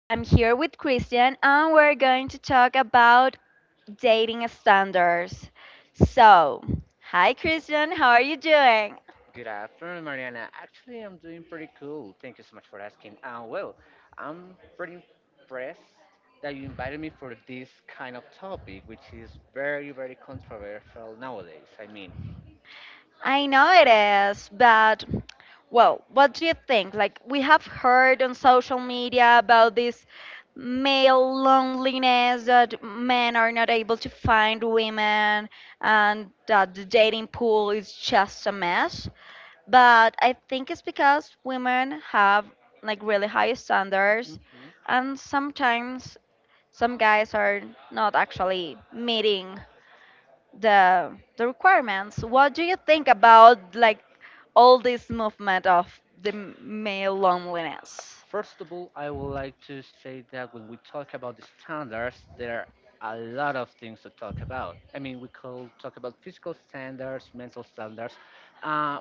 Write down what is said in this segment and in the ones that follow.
I'm here with Christian, and we're going to talk about dating standards. So, hi, Christian. How are you doing? Good afternoon, Mariana. Actually, I'm doing pretty cool. Thank you so much for asking. I'm pretty impressed that you invited me for this kind of topic, which is very, very controversial nowadays. I mean, I know it is, but well, what do you think? Like, we have heard on social media about this male loneliness that men are not able to find women and that the dating pool is just a mess. But I think it's because women have like really high standards, mhm. and sometimes some guys are not actually meeting the the requirements. What do you think about like all this movement of the male loneliness? First of all, I would like to say that when we talk about the standards, there are a lot of things to talk about. I mean, we could talk about physical standards, mental standards. Uh,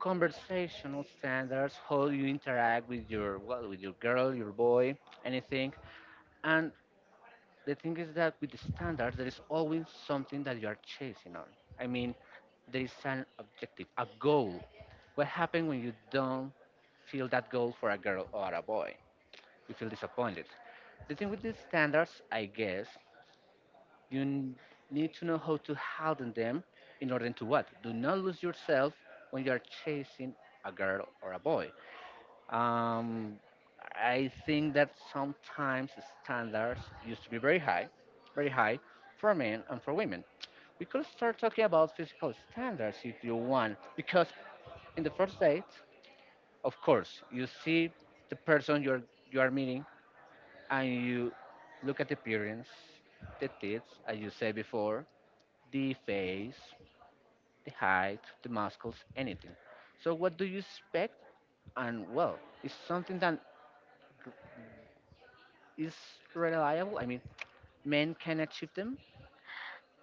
conversational standards, how you interact with your well, with your girl, your boy, anything. And the thing is that with the standards, there is always something that you are chasing on. I mean, there is an objective, a goal. What happens when you don't feel that goal for a girl or a boy? You feel disappointed. The thing with these standards, I guess, you n- need to know how to harden them in order to what? Do not lose yourself when you are chasing a girl or a boy. Um, I think that sometimes standards used to be very high for men and for women. We could start talking about physical standards if you want, because in the first date, of course, you see the person you are meeting and you look at the appearance, the teeth, as you said before, the face, the height, the muscles, anything. So what do you expect? And well, it's something that is reliable. I mean, men can achieve them.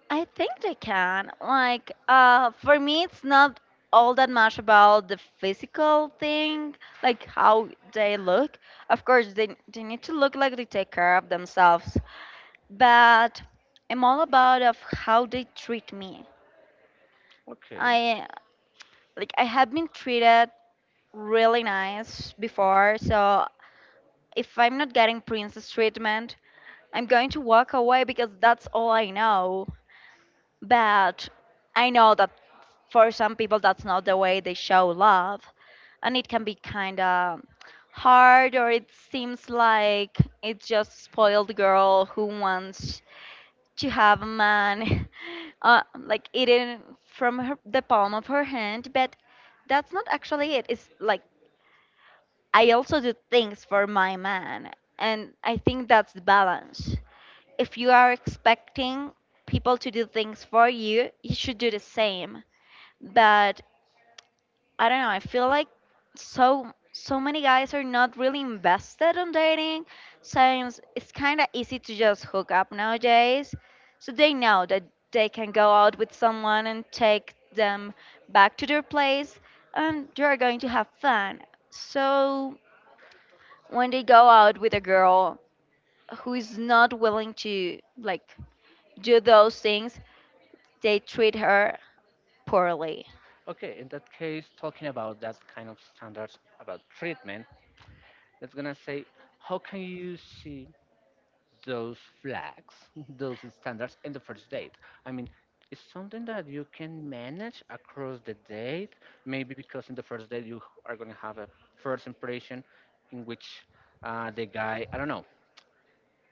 I think they can. Like, for me, it's not all that much about the physical thing, like how they look. Of course, they need to look like they take care of themselves, but I'm all about of how they treat me. Okay. I like I have been treated really nice before, so if I'm not getting princess treatment, I'm going to walk away because that's all I know. But I know that for some people that's not the way they show love, and it Mhm. can be kind of hard, or it seems like it's just spoiled girl who wants to have a man like eating from her, the palm of her hand, but that's not actually it. It's like I also do things for my man, and I think that's the balance. If you are expecting people to do things for you, you should do the same. But I don't know. I feel like so many guys are not really invested on dating since it's kind of easy to just hook up nowadays. So they know that they can go out with someone and take them back to their place and they're going to have fun. So when they go out with a girl who is not willing to like do those things, they treat her poorly. Okay, in that case, talking about that kind of standards about treatment, that's gonna say, how can you see those flags, those standards in the first date? I mean, it's something that you can manage across the date, maybe because in the first date you are gonna have a first impression in which the guy, I don't know,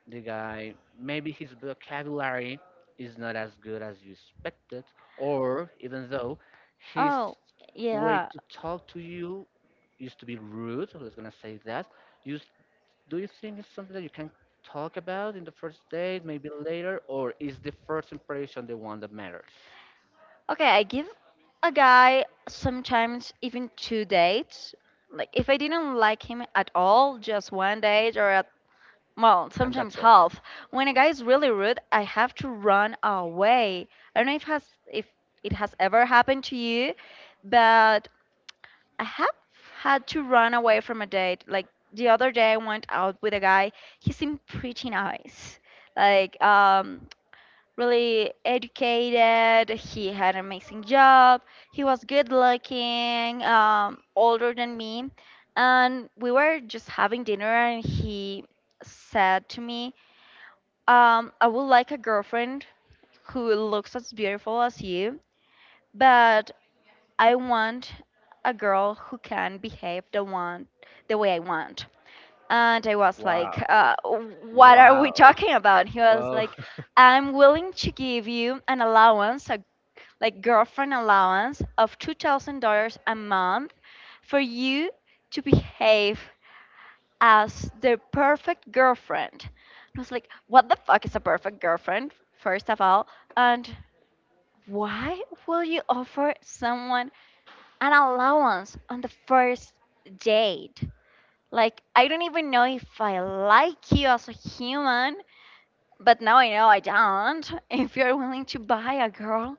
the guy maybe his vocabulary is not as good as you expected or even though his Oh, way yeah. to talk to you used to be rude. I was gonna say that, you s- do you think it's something that you can talk about in the first date maybe later or is the first impression the one that matters Okay, I give a guy sometimes even two dates. Like if I didn't like him at all, just one date or at, well, and sometimes that's all? half. When a guy is really rude, I have to run away. I don't know if it has ever happened to you, but I have had to run away from a date. Like the other day I went out with a guy, he seemed pretty nice. Like really educated. He had an amazing job. He was good looking, older than me. And we were just having dinner, and he said to me, I would like a girlfriend who looks as beautiful as you, but I want a girl who can behave the way I want. And I was like, Wow. What are we Wow. talking about? He was Wow. like, I'm willing to give you an allowance, like girlfriend allowance of $2,000 a month for you to behave as the perfect girlfriend. And I was like, what the fuck is a perfect girlfriend, first of all? And why will you offer someone an allowance on the first date? Like, I don't even know if I like you as a human, but now I know I don't. If you're willing to buy a girl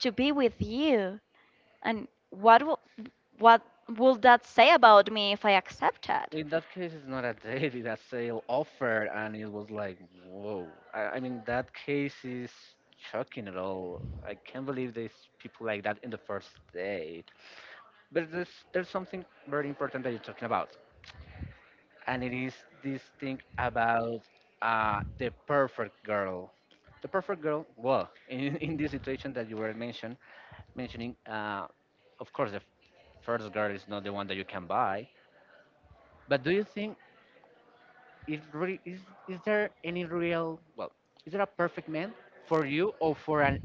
to be with you, and what will that say about me if I accept it? In that case, it's not a date, it's a sale offer. And it was like whoa. I mean that case is shocking at all. I can't believe there's people like that in the first date. But There's something very important that you're talking about, and it is this thing about the perfect girl, the perfect girl. Well, in, in this situation that you were mentioning, of course the first girl is not the one that you can buy. But do you think is, re- is there any real, well, is there a perfect man for you or for an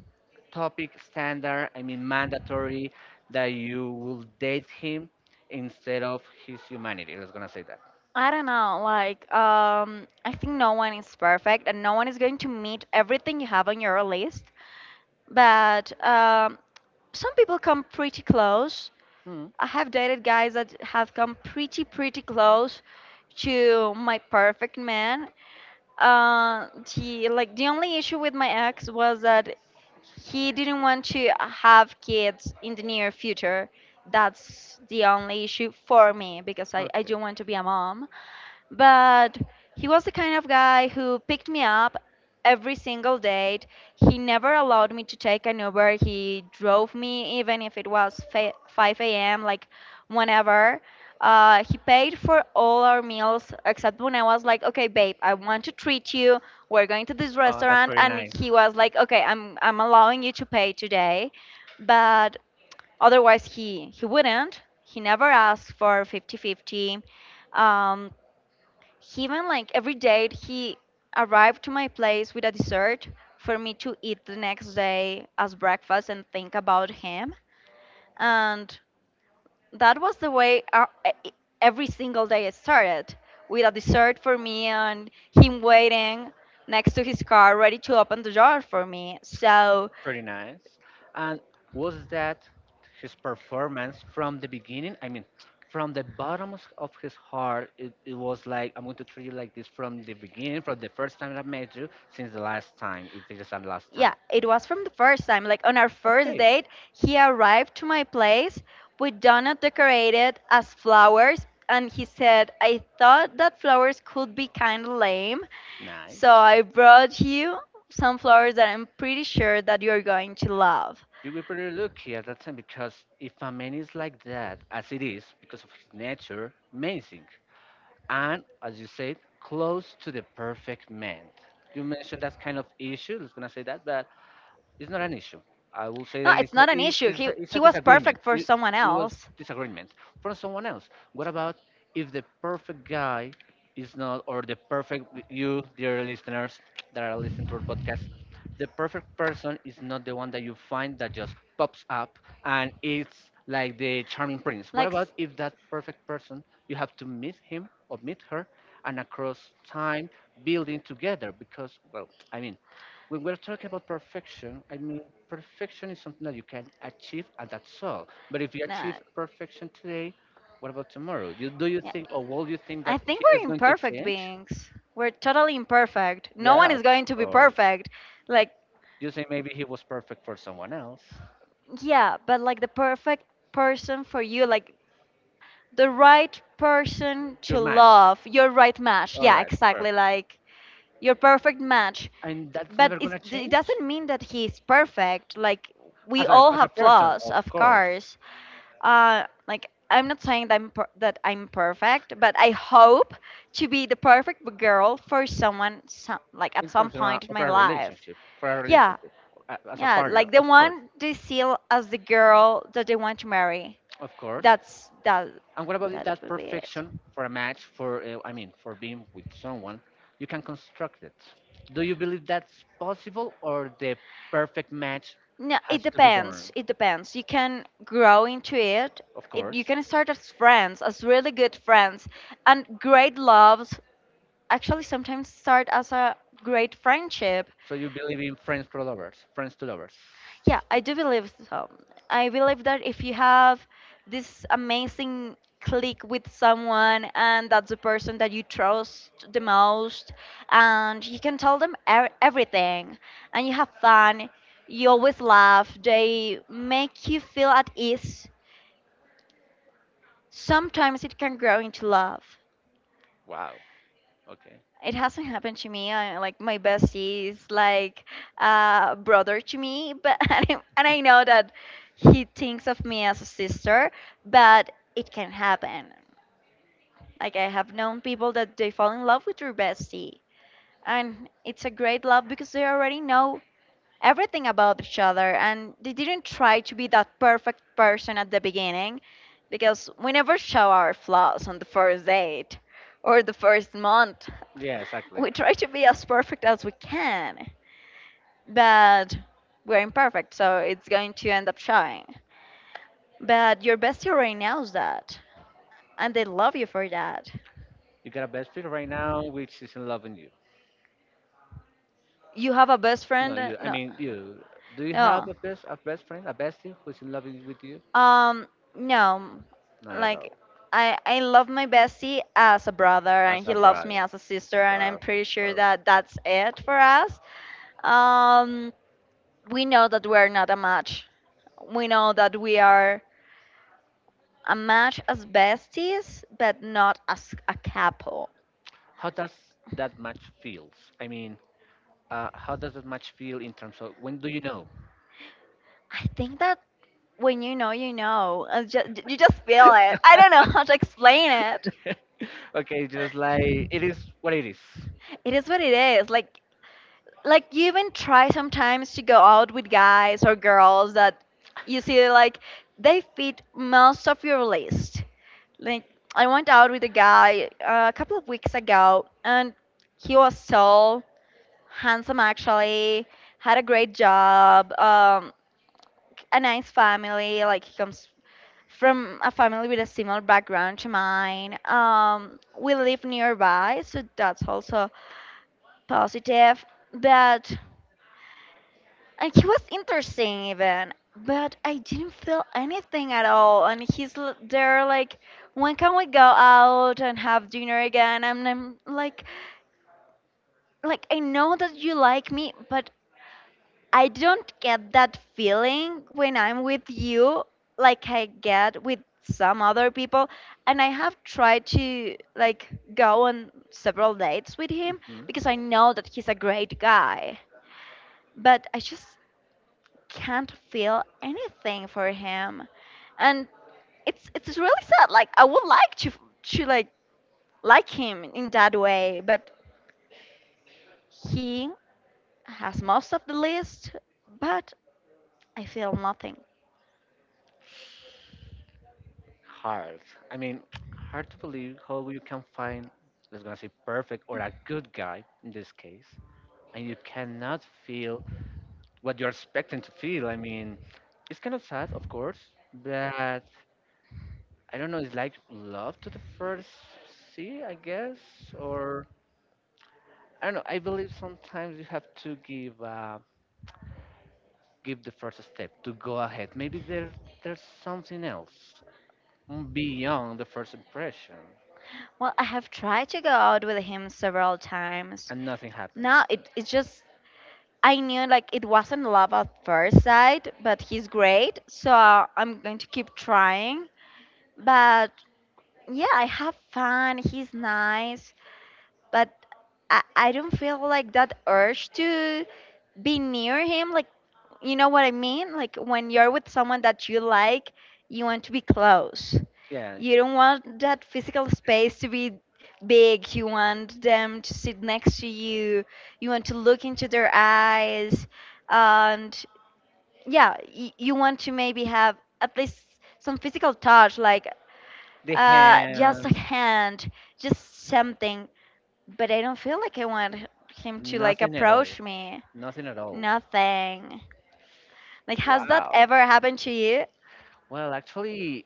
topic standard, I mean mandatory, that you will date him instead of his humanity? I was gonna say that. I don't know, like, I think no one is perfect and no one is going to meet everything you have on your list. But some people come pretty close. Hmm, I have dated guys that have come pretty close to my perfect man. Uh, the like the only issue with my ex was that he didn't want to have kids in the near future. That's the only issue for me because I okay. do want to be a mom, but he was the kind of guy who picked me up every single date. He never allowed me to take an Uber. He drove me even if it was 5 a.m., like whenever. He paid for all our meals except when I was like, okay, babe, I want to treat you. We're going to this Oh, that's restaurant. very And nice. he was like, okay, I'm allowing you to pay today. But otherwise, he wouldn't. He never asked for 50 50. 50. He even like every day, he arrived to my place with a dessert for me to eat the next day as breakfast and think about him. And that was the way our, every single day it started with a dessert for me and him waiting next to his car ready to open the door for me. So Pretty nice. And was that his performance from the beginning? I mean, from the bottom of his heart, it was like, I'm going to treat you like this from the beginning, from the first time that I met you, since the last time, if it is the last. Yeah, time. yeah, it was from the first time. Like on Yeah. our first Okay, date, he arrived to my place with donut decorated as flowers, and he said, "I thought that flowers could be kind of lame, so nice. so I brought You. you some flowers that I'm pretty sure that you're going to love." You were pretty lucky at that time because if a man is like that, as it is, because of his nature, amazing. And as you said, close to the perfect man. You mentioned that kind of issue, let's gonna say that, but it's not an issue. I will say No, that it's it's a, not an issue. He it's he a was disagreement. perfect for someone It was else. disagreement from someone else. What about if the perfect guy is not, or the perfect you, dear listeners that are listening to our podcast, the perfect person is not the one that you find that just pops up and it's like the charming prince. What Like, about if that perfect person you have to meet him or meet her and across time building together? Because well, I mean, when we're talking about perfection, I mean, perfection is something that you can achieve, and that's all. But if you no. achieve perfection today, what about tomorrow? Do you Yeah. think, or will you think I that he think is we're going to imperfect change? beings. We're totally imperfect. No one Yeah, of is going to be course. perfect. Like, You say maybe he was perfect for someone else. yeah, but like the perfect person for you, like the right person Your to match. love, your right match. All Yeah, right, exactly. perfect. Like your perfect match. And that's But never going to it change? doesn't mean that he's perfect. Like, we all As a have person, flaws, of of course. course. Like I'm not saying that that I'm perfect, but I hope to be the perfect girl for someone like at In some terms point in of my a life. relationship, for a relationship, Yeah, as a yeah, partner, like the of course, one they see as the girl that they want to marry. of course. That's that, And what about if that that would be it. perfection for a match, for I mean, for being with someone, you can construct it. Do you believe that's possible, or the perfect match No, it has to be born? depends. It depends. You can grow into it. Of It. course. You can start as friends, as really good friends. And great loves actually sometimes start as a great friendship. So you believe in friends to lovers, friends to lovers. Yeah, I do believe so. I believe that if you have this amazing click with someone and that's the person that you trust the most and you can tell them everything and you have fun, you always laugh, they make you feel at ease, sometimes it can grow into love. Wow. Okay. It hasn't happened to me. Like my bestie is like a brother to me, but and I know that he thinks of me as a sister, but it can happen. Like I have known people that they fall in love with their bestie, and it's a great love because they already know everything about each other and they didn't try to be that perfect person at the beginning, because we never show our flaws on the first date or the first month. Yeah, exactly. We try to be as perfect as we can, but we're imperfect, so it's going to end up showing. But your bestie already knows that and they love you for that. You got a best friend right now which is in loving you. You have a best No, friend? you. I No. mean, you. Do you have No. a best friend, a bestie who's in love with you? Um, no, Not at like all. I love my bestie as a brother, and he loves me as a sister, and I'm pretty Perfect. sure Perfect. that that's it for us. Um, we know that we're not a match. We know that we are a match as besties, but not as a couple. How does that match feels? I mean, how does that match feel in terms of when do you know? I think that when you know, you know. You just feel it. I don't know how to explain it. Okay, just like it is what it is. It is what it is. Like you even try sometimes to go out with guys or girls that you see like they fit most of your list. Like I went out with a guy a couple of weeks ago, and he was so handsome, actually had a great job, a nice family, like he comes from a family with a similar background to mine. We live nearby, so that's also positive, but and he was interesting even, but I didn't feel anything at all, and there like when can we go out and have dinner again, and I'm like I know that you like me, but I don't get that feeling when I'm with you like I get with some other people. And I have tried to like go on several dates with him Mhm. because I know that he's a great guy, but I just can't feel anything for him. And it's really sad. Like I would like to to like like him in that way, but he has most of the list, but I feel nothing. Hard. I mean, hard to believe how you can find, let's gonna say, perfect or a good guy in this case, and you cannot feel what you're expecting to feel. I mean, it's kind of sad, of course, but I don't know. It's like love to the first see, I guess, or I don't know. I believe sometimes you have to give give the first step to go ahead. Maybe there's something else beyond the first impression, Well, I have tried to go out with him several times and nothing happens. now. It's just I knew like it wasn't love at first sight, but he's great, so I'm going to keep trying. But yeah, I have fun, he's nice, but I don't feel like that urge to be near him. Like, you know what I mean? Like, when you're with someone that you like, you want to be close. Yeah, You don't want that physical space to be big. You want them to sit next to you. You want to look into their eyes. And yeah, you want to maybe have at least some physical touch, like the just a hand, hand, just something, but I don't feel like I want him to like nothing at all, approach me. nothing at all. Nothing. Like, has that Wow. ever happened to you? Well, actually,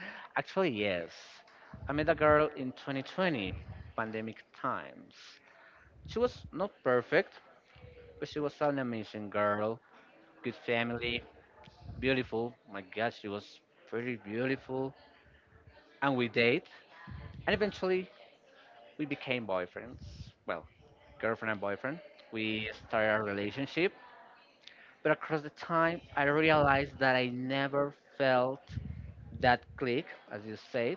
actually yes. I met a girl in 2020, pandemic times. She was not perfect, but she was an amazing girl, good family, beautiful. My God, she was pretty beautiful. And we date, and eventually we became boyfriends. Well, girlfriend and boyfriend. We started a relationship, but across the time, I realized that I never felt that click, as you said,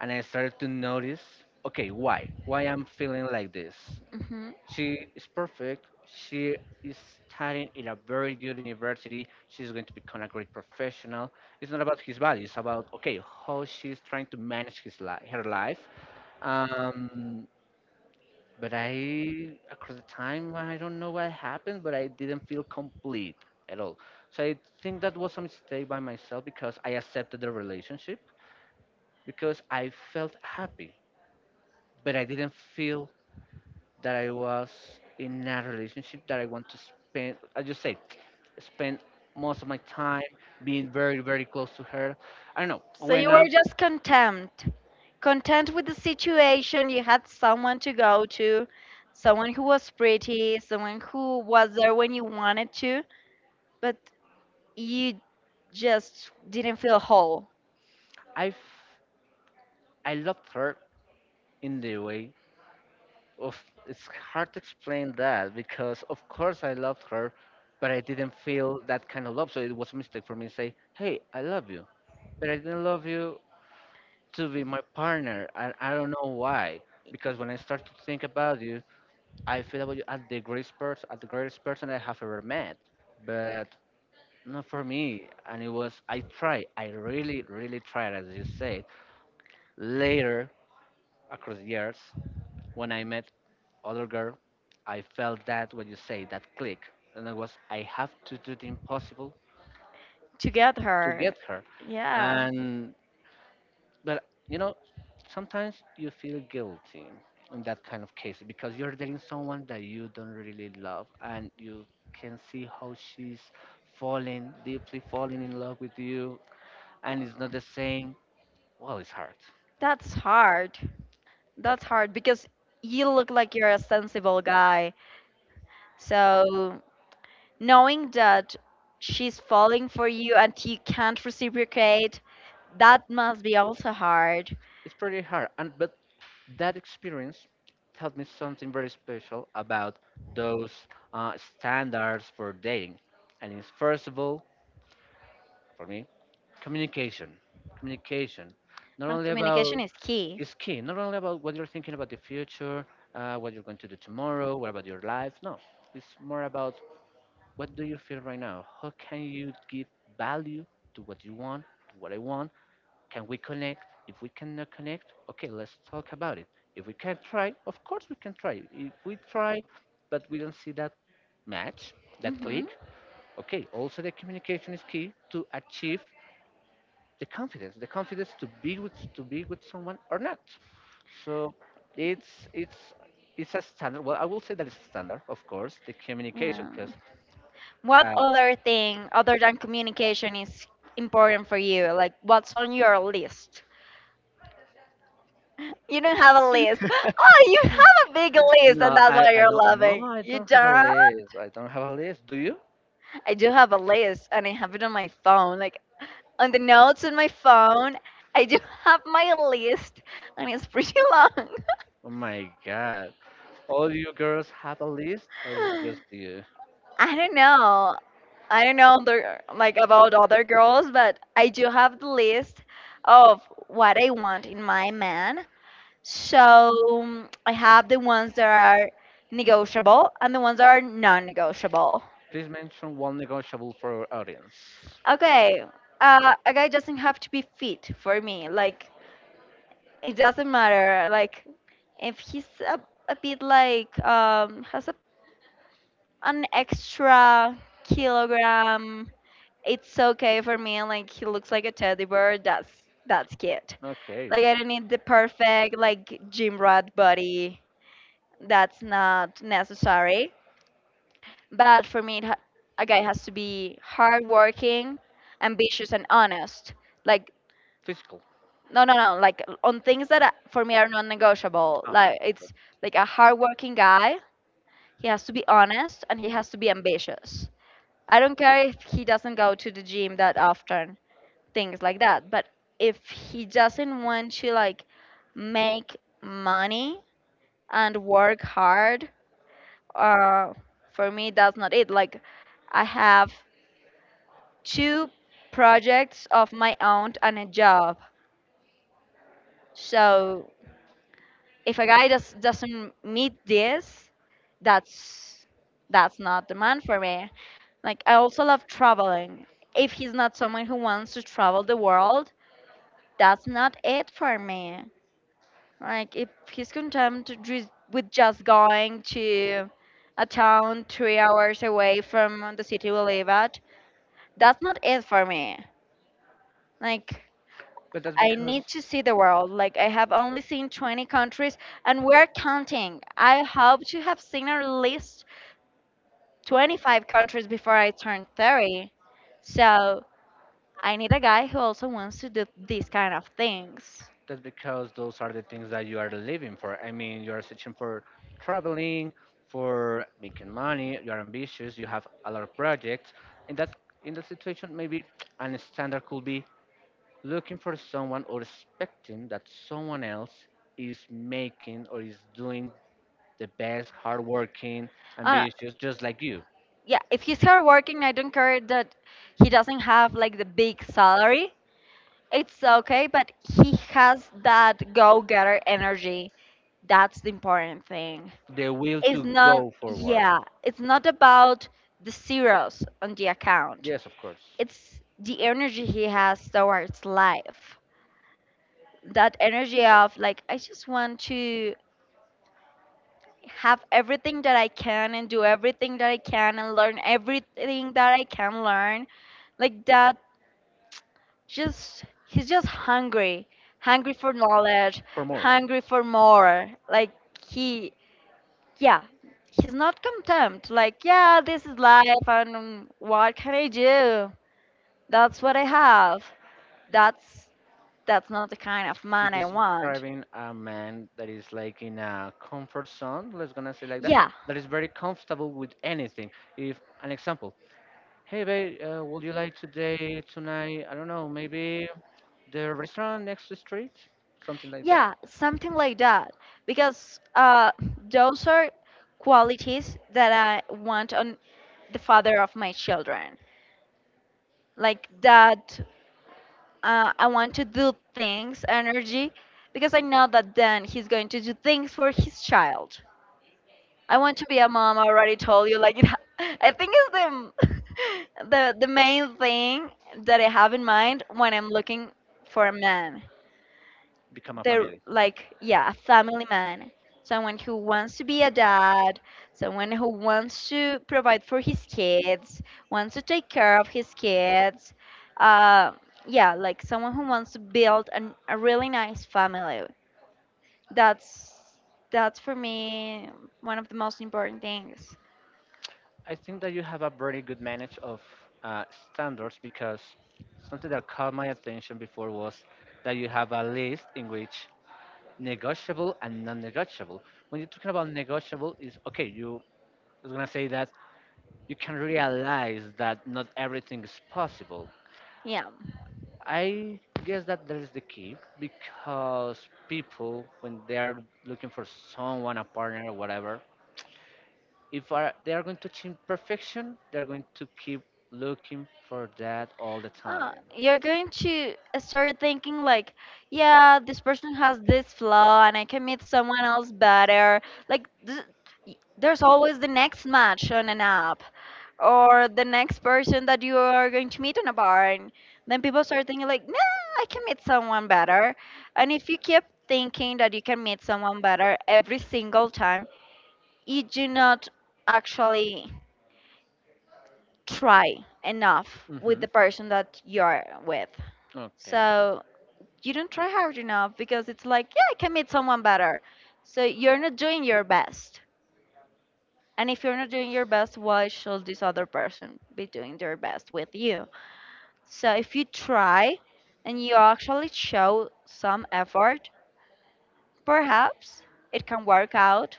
and I started to notice, okay, why? Why I'm feeling like this? hmm She is perfect. She is studying in a very good university. She's going to become a great professional. It's not about his value. It's about okay how she's trying to manage his life, her life. Um, but I across the time I don't know what happened, but I didn't feel complete at all. So I think that was a mistake by myself because I accepted the relationship because I felt happy, but I didn't feel that I was in a relationship that I want to spend. I just say spend most of my time being very very close to her. I don't know So you when were I'm just content with the situation. You had someone to go to, someone who was pretty, someone who was there when you wanted to, but you just didn't feel whole I f- I loved her in the way. Oof, it's hard to explain that because of course I loved her, but I didn't feel that kind of love. So it was a mistake for me to say, "Hey, I love you," but I didn't love you to be my partner, and I don't know why. Because when I start to think about you, I feel about you as the greatest person, as the greatest person I have ever met, but not for me. And it was I tried, I really, really tried, as you said. Later, across the years, when I met other girl, I felt that when you say that click, and I was I have to do the impossible to get to her. get her, Yeah, and but you know sometimes you feel guilty in that kind of case because you're dating someone that you don't really love and you can see how she's falling deeply falling in love with you and it's not the same, well it's hard. that's hard. That's That's hard because you look like you're a sensible guy. So knowing that she's falling for you and you can't reciprocate, that must be also hard. it's pretty hard and but that experience taught me something very special about those uh, standards for dating. And it's first of all, for me, communication. Communication. Not only Communication about is key. key. Is key. Not only about what you're thinking about the future, what you're going to do tomorrow, what about your life. No, it's more about what do you feel right now. How can you give value to what you want, to what I want, can we connect? If we cannot connect, okay, let's talk about it. If we can try, of course we can try. If we try, but we don't see that match, that click, Hmm. okay. Also, the communication is key to achieve the confidence to be with someone or not. So it's it's it's a standard. Well, I will say that it's a standard, of course, the communication, Yeah. because What uh, other thing other than communication is important for you? Like, what's on your list? You don't have a list. Oh, you have a big list, and no, that's why I you're don't. No, loving. I You don't have a don't? list. I don't have a list. Do you? I do have a list and I have it on my phone. Like on the notes on my phone, I do have my list, and it's pretty long. Oh my God. All you girls have a list, or is it just you? I don't know. I don't know the, like about other girls, but I do have the list of what I want in my man. So I have the ones that are negotiable and the ones that are non-negotiable. Please mention one negotiable for our audience. Okay, a guy doesn't have to be fit for me. Like it doesn't matter. Like, if he's a bit like has an extra kilogram, it's okay for me. Like, he looks like a teddy bear. That's cute. Okay, Like, I don't need the perfect like gym rat body. That's not necessary. But for me, a guy has to be hardworking, ambitious, and honest. Like physical. no, no, no. Like on things that for me are non-negotiable. Ah, Like it's like a hardworking guy. He has to be honest and he has to be ambitious. I don't care if he doesn't go to the gym that often, things like that. But if he doesn't want to like make money and work hard, uh, for me that's not it. Like I have two projects of my own and a job. So if a guy just doesn't meet this, that's that's not the man for me. Like I also love traveling. If he's not someone who wants to travel the world, that's not it for me. Like if he's content to with just going to a town 3 hours away from the city we live at, that's not it for me. Like but I need to see the world. Like I have only seen 20 countries and we're counting. I hope to have seen at least 25 countries before I turn 30. So I need a guy who also wants to do these kind of things. that's because those are the things that you are living for. I mean, you are searching for traveling, for making money. You are ambitious. You have a lot of projects. In that situation, maybe a standard could be looking for someone or expecting that someone else is making or is doing the best, hardworking, Uh, ambitious, just like you. yeah, if he's hard working, I don't care that he doesn't have like the big salary. It's okay, but he has that go-getter energy. That's the important thing. The will It's to not, go forward. yeah, it's not about the zeros on the account. Yes, of course. It's the energy he has towards life. That energy of, like, I just want to have everything that I can and do everything that I can and learn everything that I can learn. Like, that just, he's just hungry, hungry for knowledge, For more. hungry for more. Like, he, yeah, he's not content like, yeah, this is life, and what can I do, that's what I have, that's that's not the kind of To man I want. describing a man that is like in a comfort zone, let's gonna say like that, Yeah, that is very comfortable with anything. If an example, hey babe, would you like today, tonight, I don't know, maybe the restaurant next to the street, something like that. yeah, something like that, because those are qualities that I want on the father of my children, like that. I want to do things energy because I know that then he's going to do things for his child. I want to be a mom. I already told you. Like, I think it's the the main thing that I have in mind when I'm looking for a man. Become a They're family. like, yeah, a family man, someone who wants to be a dad, someone who wants to provide for his kids, wants to take care of his kids. Uh, yeah, like someone who wants to build a really nice family. That's that's for me one of the most important things. I think that you have a very good manage of uh, standards, because something that caught my attention before was that you have a list in which negotiable and non-negotiable. When you're talking about negotiable, is okay. You I was gonna say that you can realize that not everything is possible. Yeah. I guess that that is the key because people, when they are looking for someone, a partner, or whatever, if are, they are going to achieve perfection, they're going to keep looking for that all the time. Ah, you're going to start thinking like, yeah, this person has this flaw and I can meet someone else better. Like, there's always the next match on an app or the next person that you are going to meet on a bar. And then people start thinking like, nah, I can meet someone better. And if you keep thinking that you can meet someone better every single time, you do not actually try enough with Hmm. the person that you're with. Okay. So you don't try hard enough because it's like, yeah, I can meet someone better. So you're not doing your best. And if you're not doing your best, why should this other person be doing their best with you? So if you try and you actually show some effort, perhaps it can work out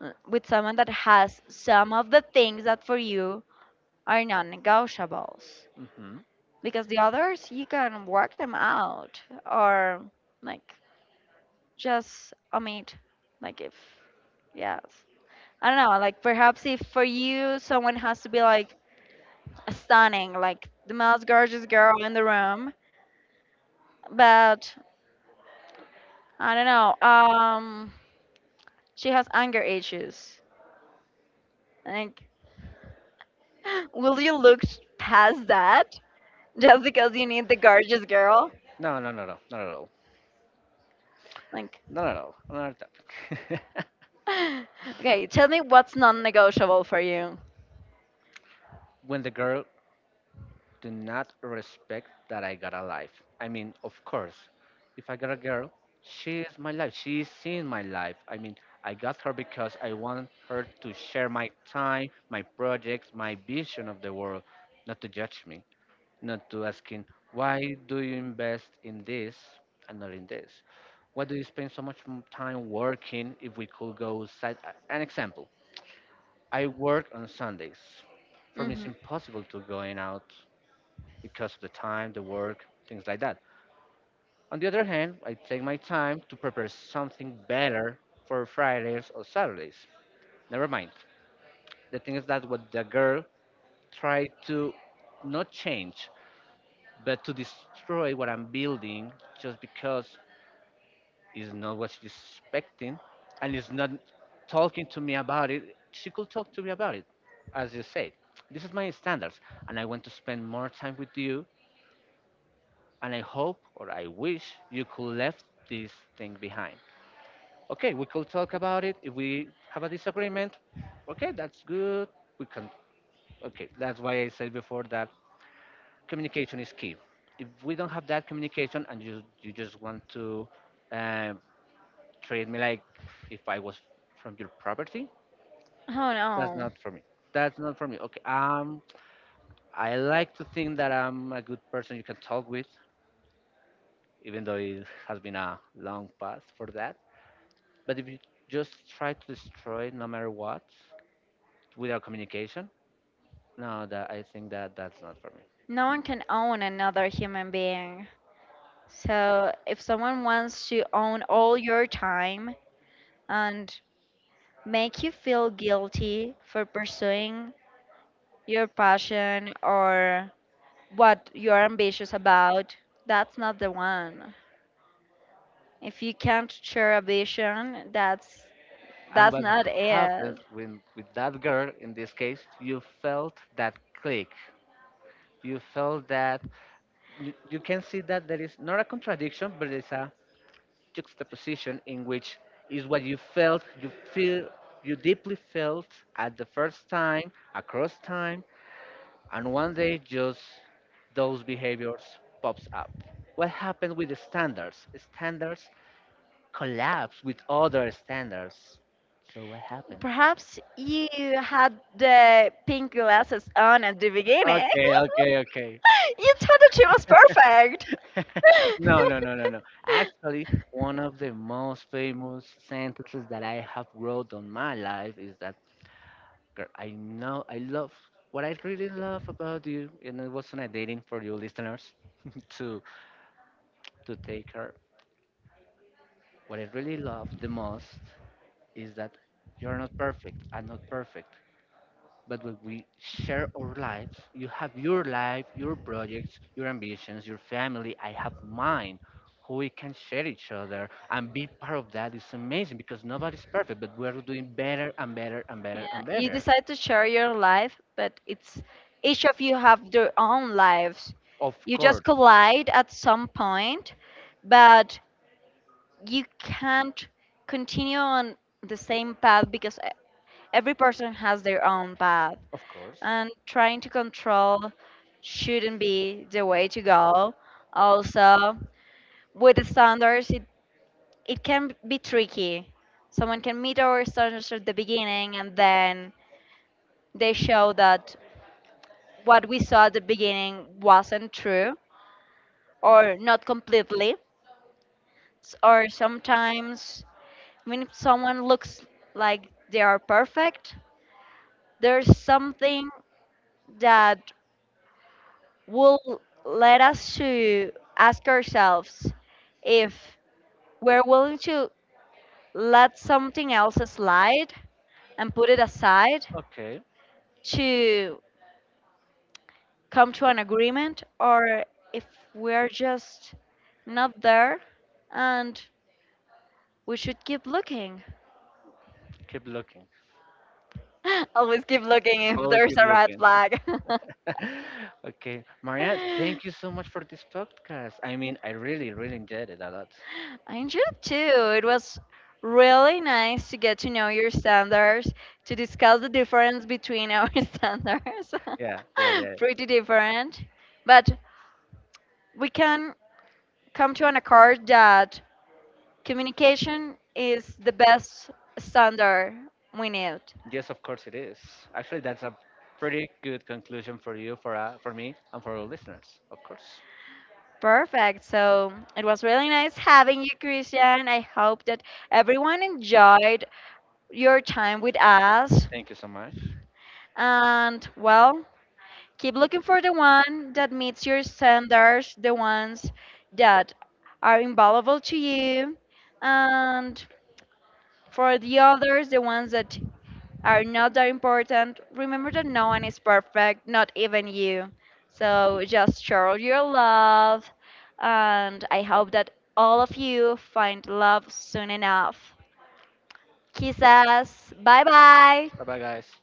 with someone that has some of the things that for you are non negotiables. So hmm. Because the others, you can work them out or like just omit. Like if, yes. I don't know, like perhaps if for you someone has to be like stunning, like the most gorgeous girl in the room, but I don't know, she has anger issues. Like, will you look past that just because you need the gorgeous girl? No, no, no, no, not at all. Like, Not at all. Another topic. okay, tell me what's non-negotiable for you. when the girl do not respect that I got a life. I mean, of course, if I got a girl, she is my life. She is seen my life. I mean, I got her because I want her to share my time, my projects, my vision of the world, not to judge me, not to asking why do you invest in this and not in this, why do you spend so much time working if we could go side. An example, I work on Sundays. For me it's Hmm. impossible to going out because of the time, the work, things like that. On the other hand, I take my time to prepare something better for Fridays or Saturdays. Never mind. The thing is that what the girl tried to not change, but to destroy what I'm building, just because it's not what she's expecting and is not talking to me about it. She could talk to me about it, as you said. This is my standards, and I want to spend more time with you. And I hope or I wish you could left this thing behind. Okay, we could talk about it. If we have a disagreement, okay, that's good. We can. Okay, that's why I said before that communication is key. If we don't have that communication and you just want to um, treat me like if I was from your property, Oh that's no, not for me. That's not for me. Okay. I like to think that I'm a good person you can talk with, even though it has been a long path for that. But if you just try to destroy it no matter what without communication, no, that I think that that's not for me. no one can own another human being. So, if someone wants to own all your time and make you feel guilty for pursuing your passion or what you're ambitious about, that's not the one. If you can't share a vision, that's And that's what not happens it. when with that girl in this case, you felt that click. You felt that you can see that there is not a contradiction, but it's a juxtaposition in which is what you felt, you feel, you deeply felt at the first time, across time, and one day just those behaviors pops up. What happened with the standards? Standards collapse with other standards. So what happened? Perhaps you had the pink glasses on at the beginning. Okay, okay, okay. You thought that she was perfect. No, no, no, no, no. Actually, one of the most famous sentences that I have wrote on my life is that, "Girl, I know I love what I really love about you," and it wasn't a dating, for you listeners, to to take her. What I really love the most is that you're not perfect. I'm not perfect. But when we share our lives, you have your life, your projects, your ambitions, your family. I have mine. How we can share each other and be part of that is amazing, because nobody's perfect, but we're doing better and better and Yeah, better and you better. decide to share your life, but it's each of you have their own lives. Of You course, just collide at some point, but you can't continue on the same path because every person has their own path. of course. And trying to control shouldn't be the way to go. Also, with the standards, it can be tricky. Someone can meet our standards at the beginning and then they show that what we saw at the beginning wasn't true or not completely. Or sometimes, I mean, if someone looks like they are perfect, there's something that will let us to ask ourselves if we're willing to let something else slide and put it aside Okay, to come to an agreement, or if we're just not there and we should keep looking. keep looking. Always keep looking if Always there's keep a red looking. flag. okay, Maria, I thank you so much for this podcast. I mean, I really, really enjoyed it a lot. enjoyed too. It was really nice to get to know your standards, to discuss the difference between our standards. Yeah, yeah, yeah. Pretty different. But we can come to an accord that communication is the best standard we need. Yes, of course it is. Actually, that's a pretty good conclusion for you, for me, and for our listeners. Of course. Perfect. So it was really nice having you, Christian. I hope that everyone enjoyed your time with us. Thank you so much. And well, keep looking for the one that meets your standards, the ones that are invaluable to you, and for the others, the ones that are not that important. Remember that no one is perfect, not even you. So just show your love, and I hope that all of you find love soon enough. Kisses. Bye bye. Bye bye, guys.